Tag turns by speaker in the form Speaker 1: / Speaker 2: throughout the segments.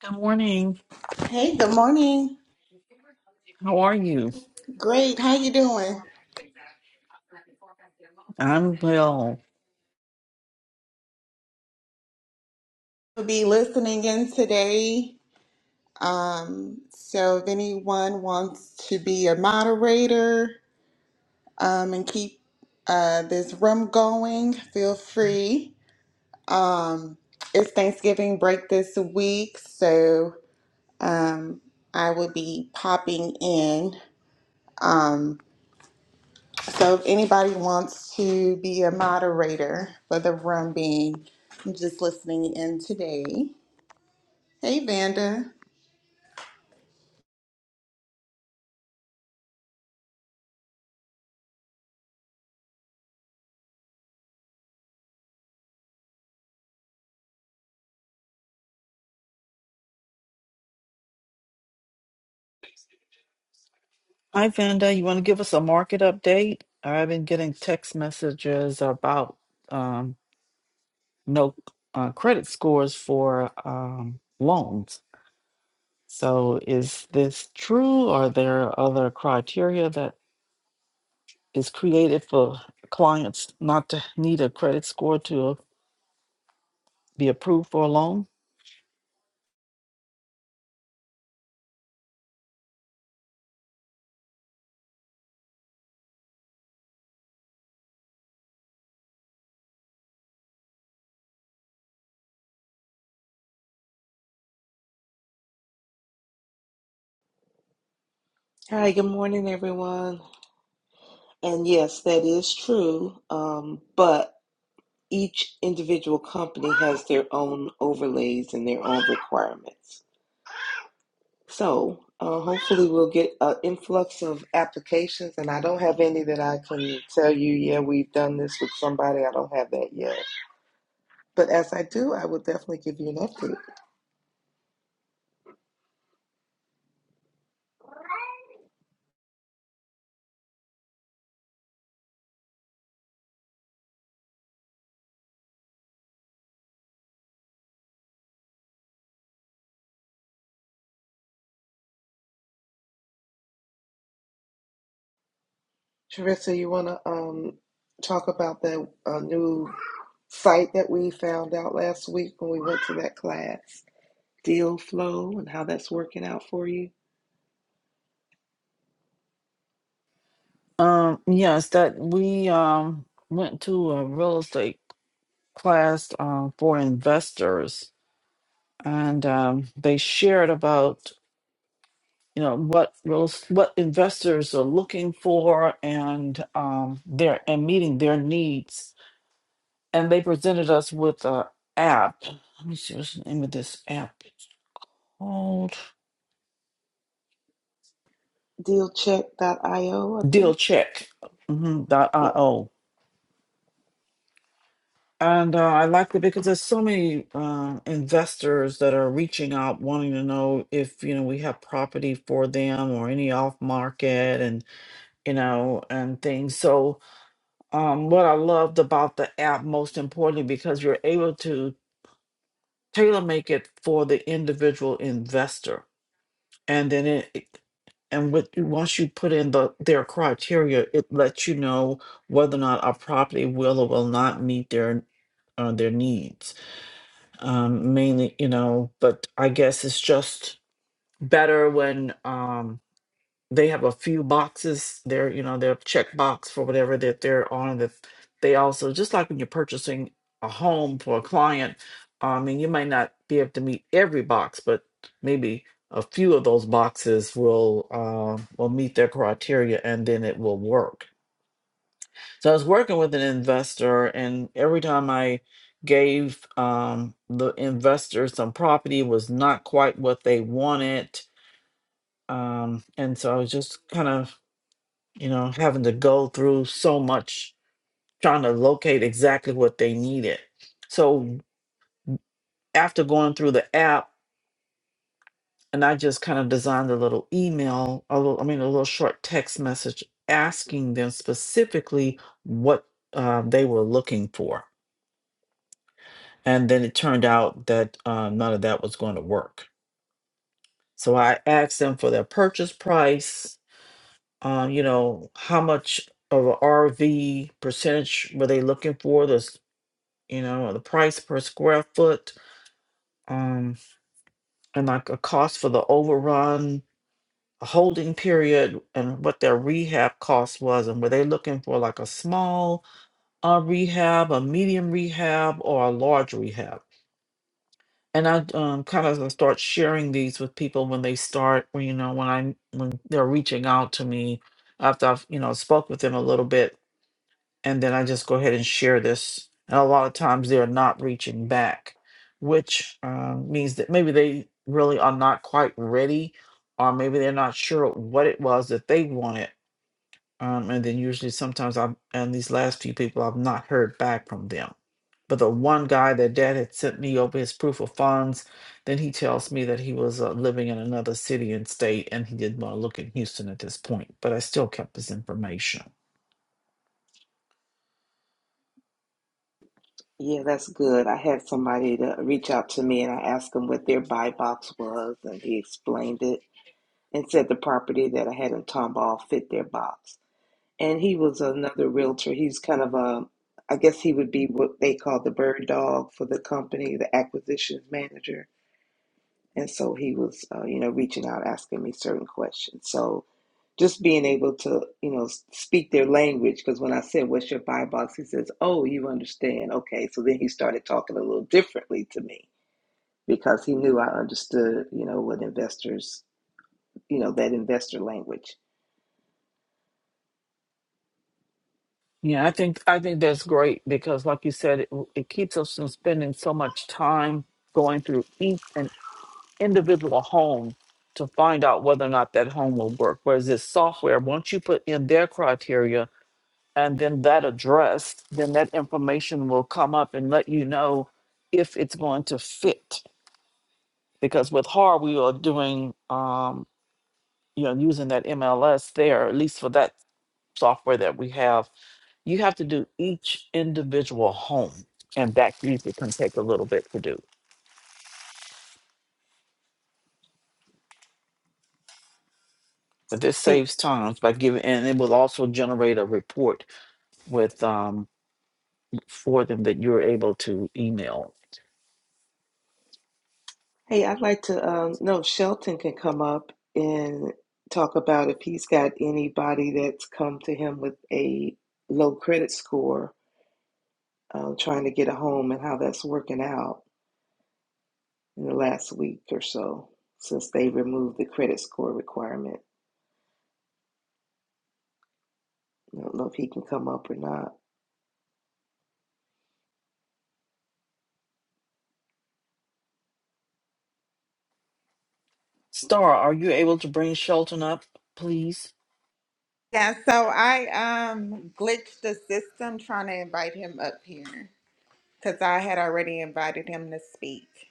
Speaker 1: Good morning.
Speaker 2: Hey, good morning.
Speaker 1: How are you?
Speaker 2: Great. How you doing?
Speaker 1: I'm well.
Speaker 2: We'll be listening in today. Um, so if anyone wants to be a moderator um, and keep uh, this room going, feel free. It's Thanksgiving break this week, so um, I will be popping in. Um, so if anybody wants to be a moderator for the room being, I'm just listening in today. Hey, Vanda.
Speaker 1: Hi, Vanda. You want to give us a market update? I've been getting text messages about um, no uh, credit scores for um, loans. So, is this true? Are there other criteria that is created for clients not to need a credit score to be approved for a loan?
Speaker 3: Hi, good morning, everyone. And yes, that is true. Um, but each individual company has their own overlays and their own requirements. So uh, hopefully, we'll get an influx of applications. And I don't have any that I can tell you, yeah, we've done this with somebody. I don't have that yet. But as I do, I will definitely give you an update. Teresa, you want to um, talk about that uh, new site that we found out last week when we went to that class? deal flow and how that's working out for you.
Speaker 1: Um, yes, that we um, went to a real estate class uh, for investors, and um, they shared about you know what real- what investors are looking for and um, their and meeting their needs. And they presented us with a app. Let me see what's the name of this app. It's called
Speaker 3: Dealcheck.io, I
Speaker 1: Deal
Speaker 3: think.
Speaker 1: Check mhm, dot
Speaker 3: Yep.
Speaker 1: io. And uh, I like it because there's so many uh, investors that are reaching out, wanting to know if you know we have property for them or any off market, you know, and things. So, um, what I loved about the app most importantly because you're able to tailor make it for the individual investor, and then it. it- and with, once you put in the their criteria, it lets you know whether or not a property will or will not meet their uh, their needs. Um, mainly, you know, but I guess it's just better when. Um, they have a few boxes they're you know they're check box for whatever that they're on that they also just like when you're purchasing a home for a client i mean you might not be able to meet every box but maybe a few of those boxes will uh, will meet their criteria and then it will work so i was working with an investor and every time i gave um, the investor some property it was not quite what they wanted um, and so i was just kind of you know, having to go through so much trying to locate exactly what they needed. So after going through the app, and I just kind of designed a little email, a little, I mean, a little short text message asking them specifically what uh, they were looking for. And then it turned out that uh, none of that was going to work. So I asked them for their purchase price, um, you know, how much of a RV percentage were they looking for? The you know, the price per square foot, um, and like a cost for the overrun, a holding period, and what their rehab cost was. And were they looking for like a small uh, rehab, a medium rehab, or a large rehab? And I um, kind of uh, start sharing these with people when they start, when you know, when I when they're reaching out to me after I've you know spoke with them a little bit and then I just go ahead and share this. And a lot of times they are not reaching back, which um, means that maybe they really are not quite ready, or maybe they're not sure what it was that they wanted. Um, and then usually sometimes I'm and these last few people I've not heard back from them. But the one guy that dad had sent me over his proof of funds, then he tells me that he was uh, living in another city and state and he didn't want to look in Houston at this point. But I still kept his information.
Speaker 3: Yeah, that's good. I had somebody to reach out to me and I asked them what their buy box was and he explained it and said the property that I had in Tomball fit their box. And he was another realtor. He's kind of a, I guess he would be what they call the bird dog for the company, the acquisitions manager And so he was, uh, you know, reaching out, asking me certain questions. So just being able to, you know, speak their language, because when I said, What's your buy box? He says, Oh, you understand. Okay. So then he started talking a little differently to me because he knew I understood, you know, what investors, you know, that investor language.
Speaker 1: Yeah, I think I think that's great because, like you said, it, it keeps us from spending so much time going through each an individual home to find out whether or not that home will work. Whereas this software, once you put in their criteria and then that address, then that information will come up and let you know if it's going to fit. Because with HAR, we are doing, um, you know, using that MLS there, at least for that software that we have You have to do each individual home, and that usually can take a little bit to do. But this
Speaker 3: Hey,
Speaker 1: saves time by giving, and it will also generate a report with um for them that you're able to email.
Speaker 3: hey, I'd like to um, know if Shelton can come up and talk about if he's got anybody that's come to him with a low credit score uh, trying to get a home and how that's working out in the last week or so since they removed the credit score requirement. I don't know if he can come up or not.
Speaker 1: Star, are you able to bring Shelton up, please?
Speaker 2: Yeah, so I um glitched the system trying to invite him up here because I had already invited him to speak.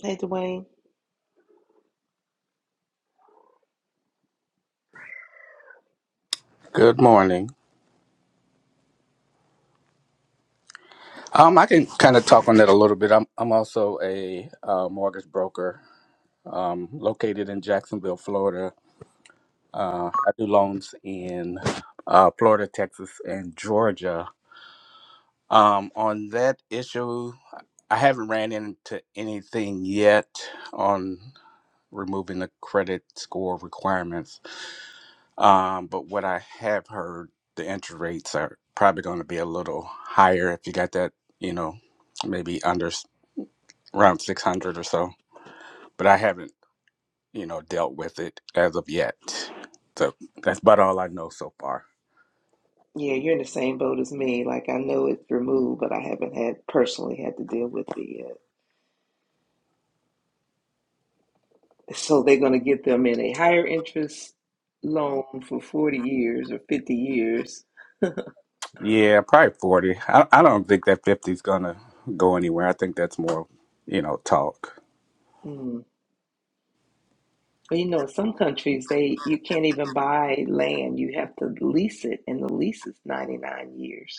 Speaker 3: Hey, Dwayne.
Speaker 4: Good morning. Um, I can kind of talk on that a little bit. I'm I'm also a uh, mortgage broker located in Jacksonville, Florida. Uh, I do loans in uh, Florida, Texas, and Georgia. Um, on that issue, I haven't ran into anything yet on removing the credit score requirements. Um, but what I have heard, the interest rates are probably going to be a little higher if you got that, you know, maybe under around 600 or so, but I haven't, you know, dealt with it as of yet. So that's about all I know so far.
Speaker 3: Yeah, you're in the same boat as me. Like, I know it's removed, but I haven't had personally had to deal with it yet. So they're going to get them in a higher interest loan for 40 years or 50 years.
Speaker 4: Yeah, probably 40. I, I don't think that fifty's going to go anywhere. I think that's more, you know, talk.
Speaker 3: Mm. Well, you know, in some countries, they you can't even buy land. You have to lease it, and the lease is 99 years.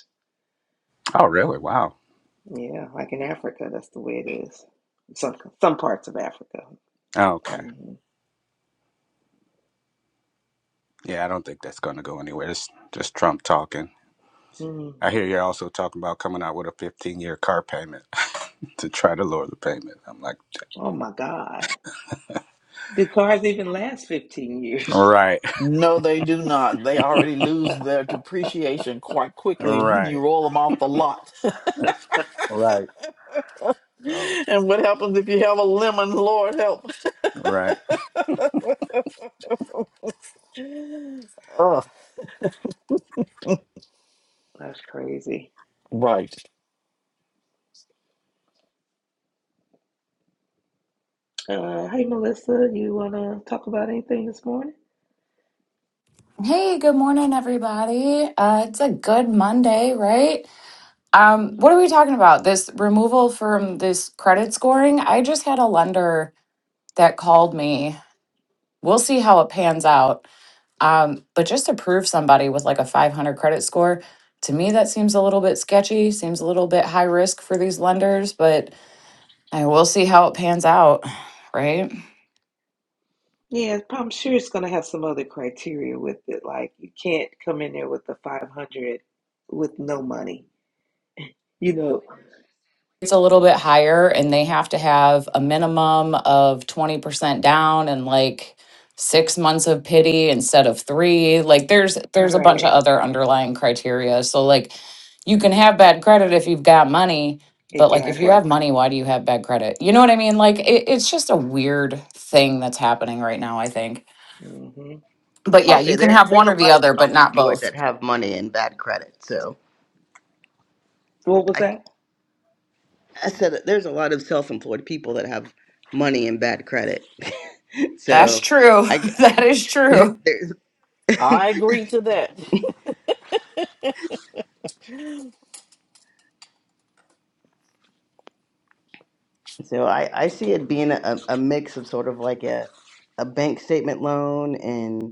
Speaker 4: Oh, really? Wow.
Speaker 3: Yeah, like in Africa, that's the way it is. Some some parts of Africa.
Speaker 4: Oh, Okay.
Speaker 3: hmm
Speaker 4: Yeah, I don't think that's going to go anywhere. It's just Trump talking. I hear you're also talking about coming out with a 15 year car payment to try to lower the payment. I'm like,
Speaker 3: Oh my God, do cars even last fifteen years?
Speaker 4: right,
Speaker 1: No, they do not. They already lose their depreciation quite quickly when you
Speaker 4: right,
Speaker 1: roll them off the lot.
Speaker 4: right. So,
Speaker 1: and what happens if you have a lemon? Lord help.
Speaker 4: right.
Speaker 1: Ugh,
Speaker 3: That's crazy.
Speaker 1: right.
Speaker 3: Uh, hey, Melissa, you wanna talk about anything this morning?
Speaker 5: Hey, good morning, everybody. Uh, it's a good Monday, right? Um, what are we talking about? This removal from this credit scoring? I just had a lender that called me. We'll see how it pans out. Um, but just to prove somebody with like a 500 credit score, to me, that seems a little bit sketchy, seems a little bit high risk for these lenders, but I will see how it pans out, right?
Speaker 3: Yeah, I'm sure it's gonna have some other criteria with it. Like you can't come in there with the five hundred with no money. You know,
Speaker 5: it's a little bit higher and they have to have a minimum of 20% down and like six months of pity instead of three like there's there's a bunch of
Speaker 3: right?
Speaker 5: other underlying criteria so like you can have bad credit if you've got money but like if you
Speaker 3: Exactly.
Speaker 5: have money why do you have bad credit you know what i mean like it, it's just a weird thing that's happening right now i think
Speaker 3: hmm
Speaker 5: but
Speaker 6: I'll
Speaker 5: yeah
Speaker 6: say
Speaker 5: you can
Speaker 6: there
Speaker 5: have
Speaker 6: there's
Speaker 5: one
Speaker 6: a
Speaker 5: or the
Speaker 6: lot of
Speaker 5: other but not
Speaker 6: self-employed
Speaker 5: both
Speaker 6: that have money and bad credit. So
Speaker 3: What was
Speaker 6: I
Speaker 3: that?
Speaker 6: I said that there's a lot of self-employed people that have money and bad credit.
Speaker 5: that's
Speaker 6: so
Speaker 5: true
Speaker 6: I, I
Speaker 5: that is true
Speaker 6: there's
Speaker 1: I agree to that.
Speaker 6: so I I see it being a, a mix of sort of like a a bank statement loan and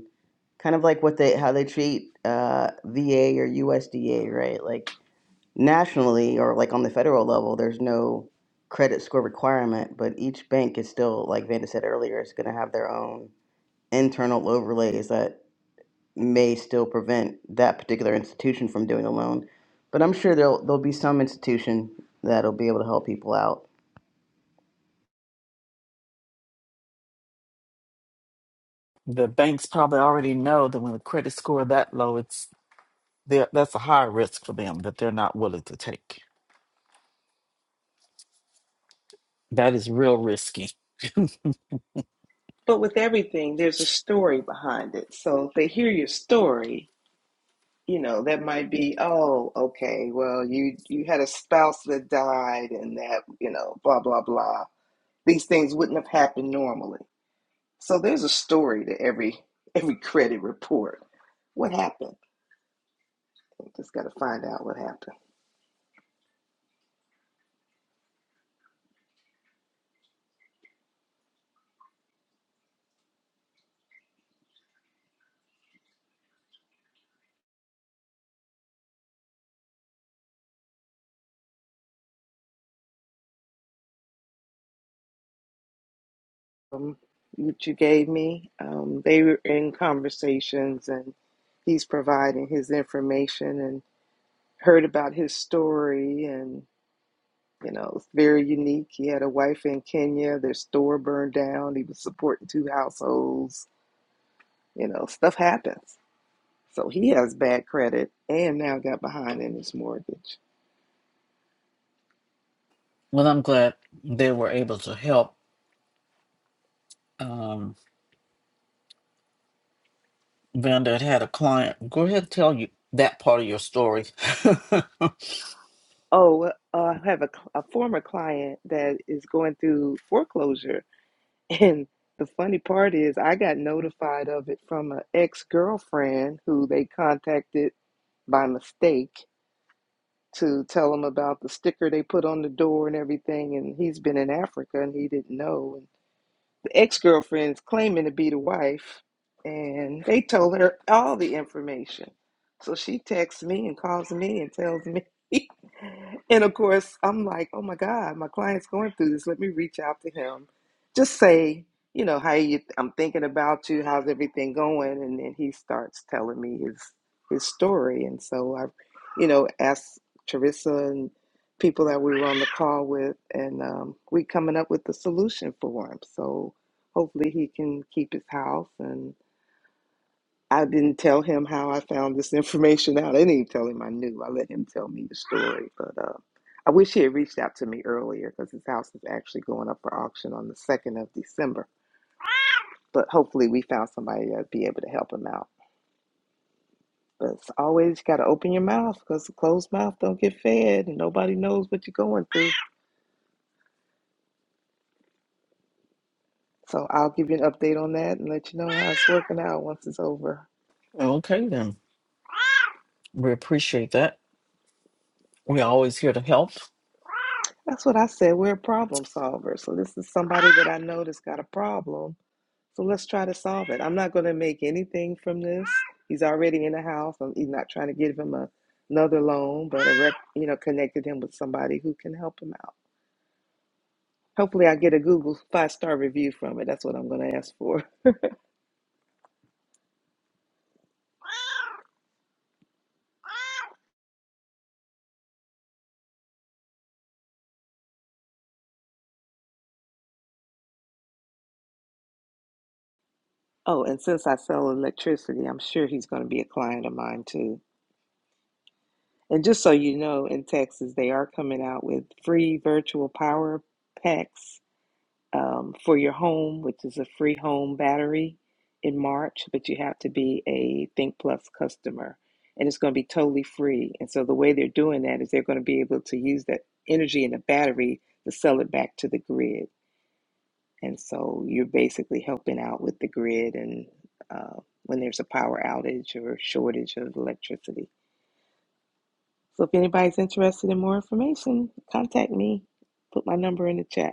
Speaker 6: kind of like what they how they treat uh, VA or USDA, right? Like nationally or like on the federal level, there's no credit score requirement, but each bank is still, like Vanda said earlier, is going to have their own internal overlays that may still prevent that particular institution from doing a loan. But I'm sure there'll there'll be some institution that'll be able to help people out
Speaker 1: The banks probably already know that when the credit score that low, it's they're- that's a high risk for them that they're not willing to take. That is real risky.
Speaker 3: But with everything, there's a story behind it. So if they hear your story, you know, that might be, oh, okay, well, you you had a spouse that died and that, you know, blah blah blah. These things wouldn't have happened normally. So there's a story to every every credit report. What happened? I just got to find out what happened. Um, what you gave me, um, they were in conversations, and he's providing his information and heard about his story, and. You know, it's very unique. He had a wife in Kenya. Their store burned down. He was supporting two households. You know, stuff happens. So he has bad credit and now got behind in his mortgage.
Speaker 1: Well, I'm glad they were able to help. Um, Vanda had had a client. Go ahead, tell you that part of your story.
Speaker 3: Oh, uh, I have a, a former client that is going through foreclosure. And the funny part is, I got notified of it from an ex girlfriend who they contacted by mistake to tell him about the sticker they put on the door and everything. And he's been in Africa and he didn't know. And the ex-girlfriend's claiming to be the wife and they told her all the information so she texts me and calls me and tells me and of course i'm like oh my god my client's going through this let me reach out to him just say you know how you i'm thinking about you how's everything going and then he starts telling me his his story and so i you know asked teresa and people that we were on the call with and um, we coming up with the solution for him so hopefully he can keep his house and I didn't tell him how I found this information out. I didn't even tell him I knew. I let him tell me the story. But uh, I wish he had reached out to me earlier because his house is actually going up for auction on the 2nd of December. But hopefully we found somebody that'd be able to help him out. But it's always got to open your mouth because a closed mouth don't get fed and nobody knows what you're going through. So I'll give you an update on that and let you know how it's working out once it's over.
Speaker 1: okay, then we appreciate that. We're always here to help.
Speaker 3: That's what I said. We're a problem solver. So this is somebody that I know that's got a problem. So let's try to solve it. I'm not going to make anything from this. He's already in the house. I'm he's not trying to give him a, another loan, but a rep, you know, connected him with somebody who can help him out. Hopefully, I get a Google five star review from it. That's what I'm going to ask for. Oh, and since I sell electricity, I'm sure he's going to be a client of mine too. And just so you know, in Texas, they are coming out with free virtual power packs um, for your home, which is a free home battery in March, but you have to be a Think Plus customer and it's going to be totally free. And so the way they're doing that is they're going to be able to use that energy in the battery to sell it back to the grid. And so you're basically helping out with the grid and uh, when there's a power outage or shortage of electricity. So if anybody's interested in more information, contact me. Put my number in the chat.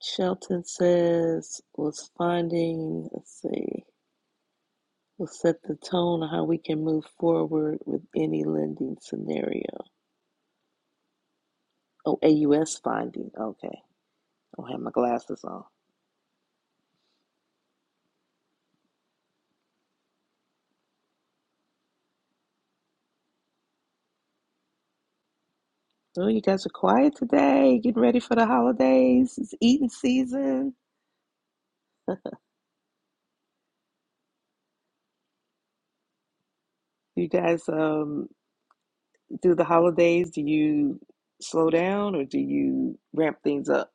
Speaker 3: Shelton says was finding, let's see, will set the tone on how we can move forward with any lending scenario. Oh, AUS finding. Okay. I don't have my glasses on. Oh, you guys are quiet today. Getting ready for the holidays. It's eating season. You guys um do the holidays, do you slow down or do you ramp things up?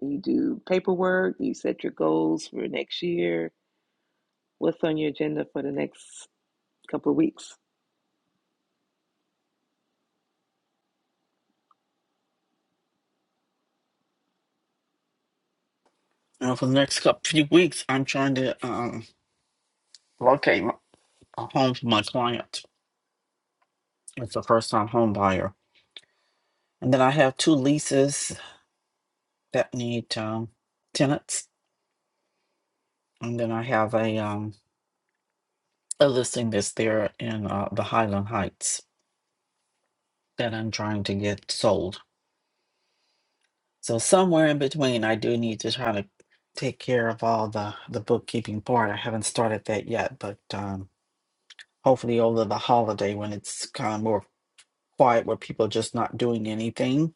Speaker 3: You do paperwork, you set your goals for next year. What's on your agenda for the next couple of weeks.
Speaker 1: And for the next couple few weeks, I'm trying to um, locate a home for my client. It's a first-time homebuyer And then I have two leases that need um, tenants. And then I have a um, a listing that's there in uh, the Highland Heights that I'm trying to get sold. So somewhere in between, I do need to try to take care of all the the bookkeeping part. I haven't started that yet, but um, hopefully over the holiday when it's kind of more quiet where people are just not doing anything,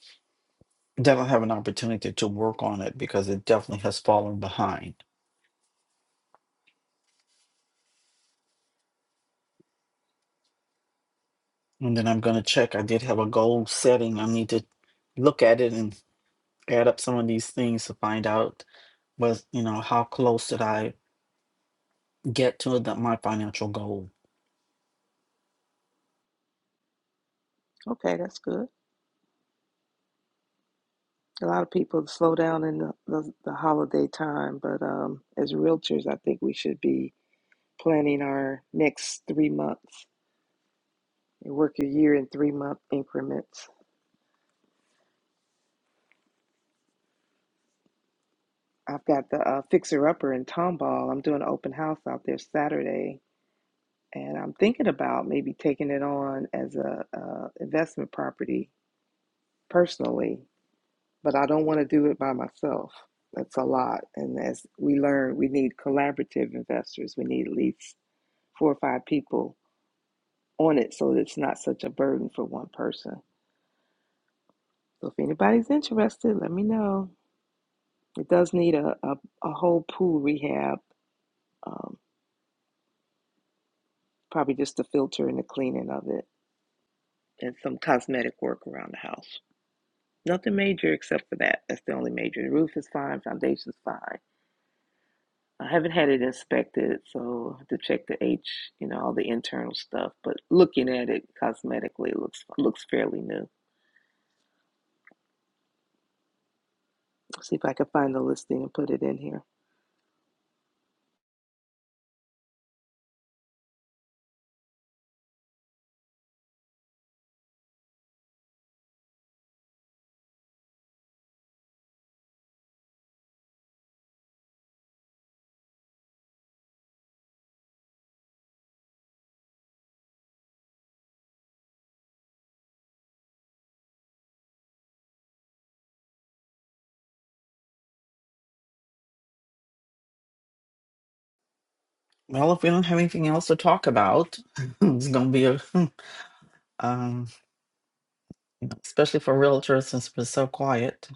Speaker 1: then I'll have an opportunity to work on it because it definitely has fallen behind. And then I'm going to check. I did have a goal setting. I need to look at it and add up some of these things to find out was, you know, how close did I get to the, my financial goal?
Speaker 3: Okay, that's good. A lot of people slow down in the, the, the holiday time, but um, as realtors, I think we should be planning our next three months and work your year in three month increments. I've got the uh, Fixer Upper in Tomball. I'm doing an open house out there Saturday, and I'm thinking about maybe taking it on as a uh, investment property personally but I don't want to do it by myself. That's a lot. And as we learn, we need collaborative investors. We need at least four or five people on it so that it's not such a burden for one person. So if anybody's interested, let me know. It does need a, a, a whole pool rehab, um, probably just the filter and the cleaning of it, and some cosmetic work around the house. Nothing major except for that. That's the only major. The roof is fine, foundation's fine, I haven't had it inspected, so I have to check the H, you know, all the internal stuff. But looking at it cosmetically, it looks looks fairly new. See if I can find the listing and put it in here.
Speaker 1: Well, if we don't have anything else to talk about, it's going to be a, um, especially for realtors since we're so quiet.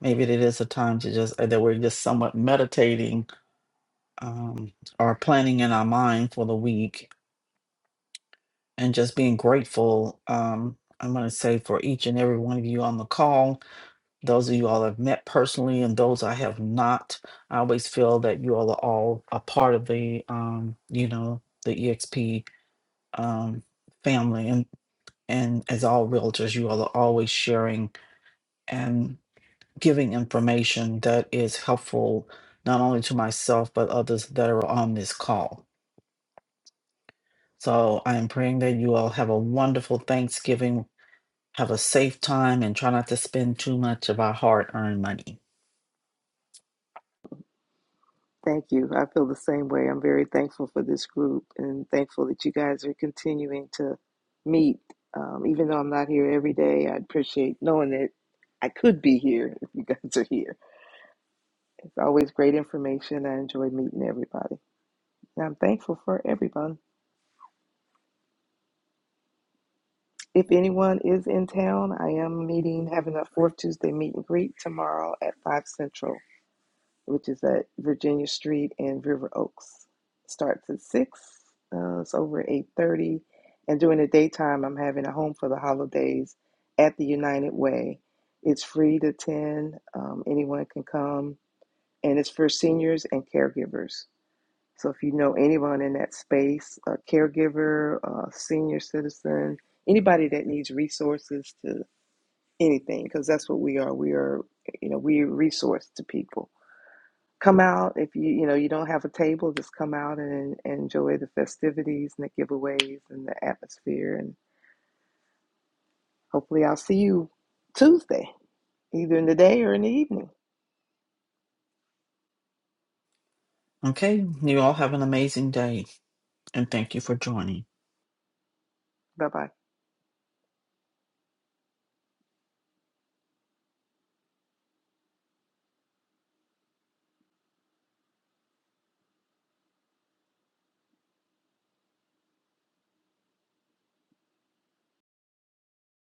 Speaker 1: Maybe it is a time to just, uh, that we're just somewhat meditating um, or planning in our mind for the week and just being grateful. Um, I'm going to say for each and every one of you on the call those of you all I've met personally and those I have not. I always feel that you all are all a part of the um, you know, the EXP um family and and as all realtors, you all are always sharing and giving information that is helpful not only to myself but others that are on this call. So I am praying that you all have a wonderful Thanksgiving. Have a safe time and try not to spend too much of our hard earned money.
Speaker 3: Thank you. I feel the same way. I'm very thankful for this group and thankful that you guys are continuing to meet. Um, even though I'm not here every day, I appreciate knowing that I could be here if you guys are here. It's always great information. I enjoy meeting everybody. And I'm thankful for everybody. If anyone is in town, I am meeting, having a fourth Tuesday meet and greet tomorrow at 5 Central, which is at Virginia Street in River Oaks. Starts at 6, uh, it's over at 8.30. And during the daytime, I'm having a home for the holidays at the United Way. It's free to attend. Um, anyone can come. And it's for seniors and caregivers. So if you know anyone in that space, a caregiver, a senior citizen, anybody that needs resources to anything, because that's what we are. We are, you know, we resource to people. Come out if you you know you don't have a table, just come out and, and enjoy the festivities and the giveaways and the atmosphere. And hopefully, I'll see you Tuesday, either in the day or in the evening.
Speaker 1: Okay? You all have an amazing day. and thank you for joining.
Speaker 3: Bye bye.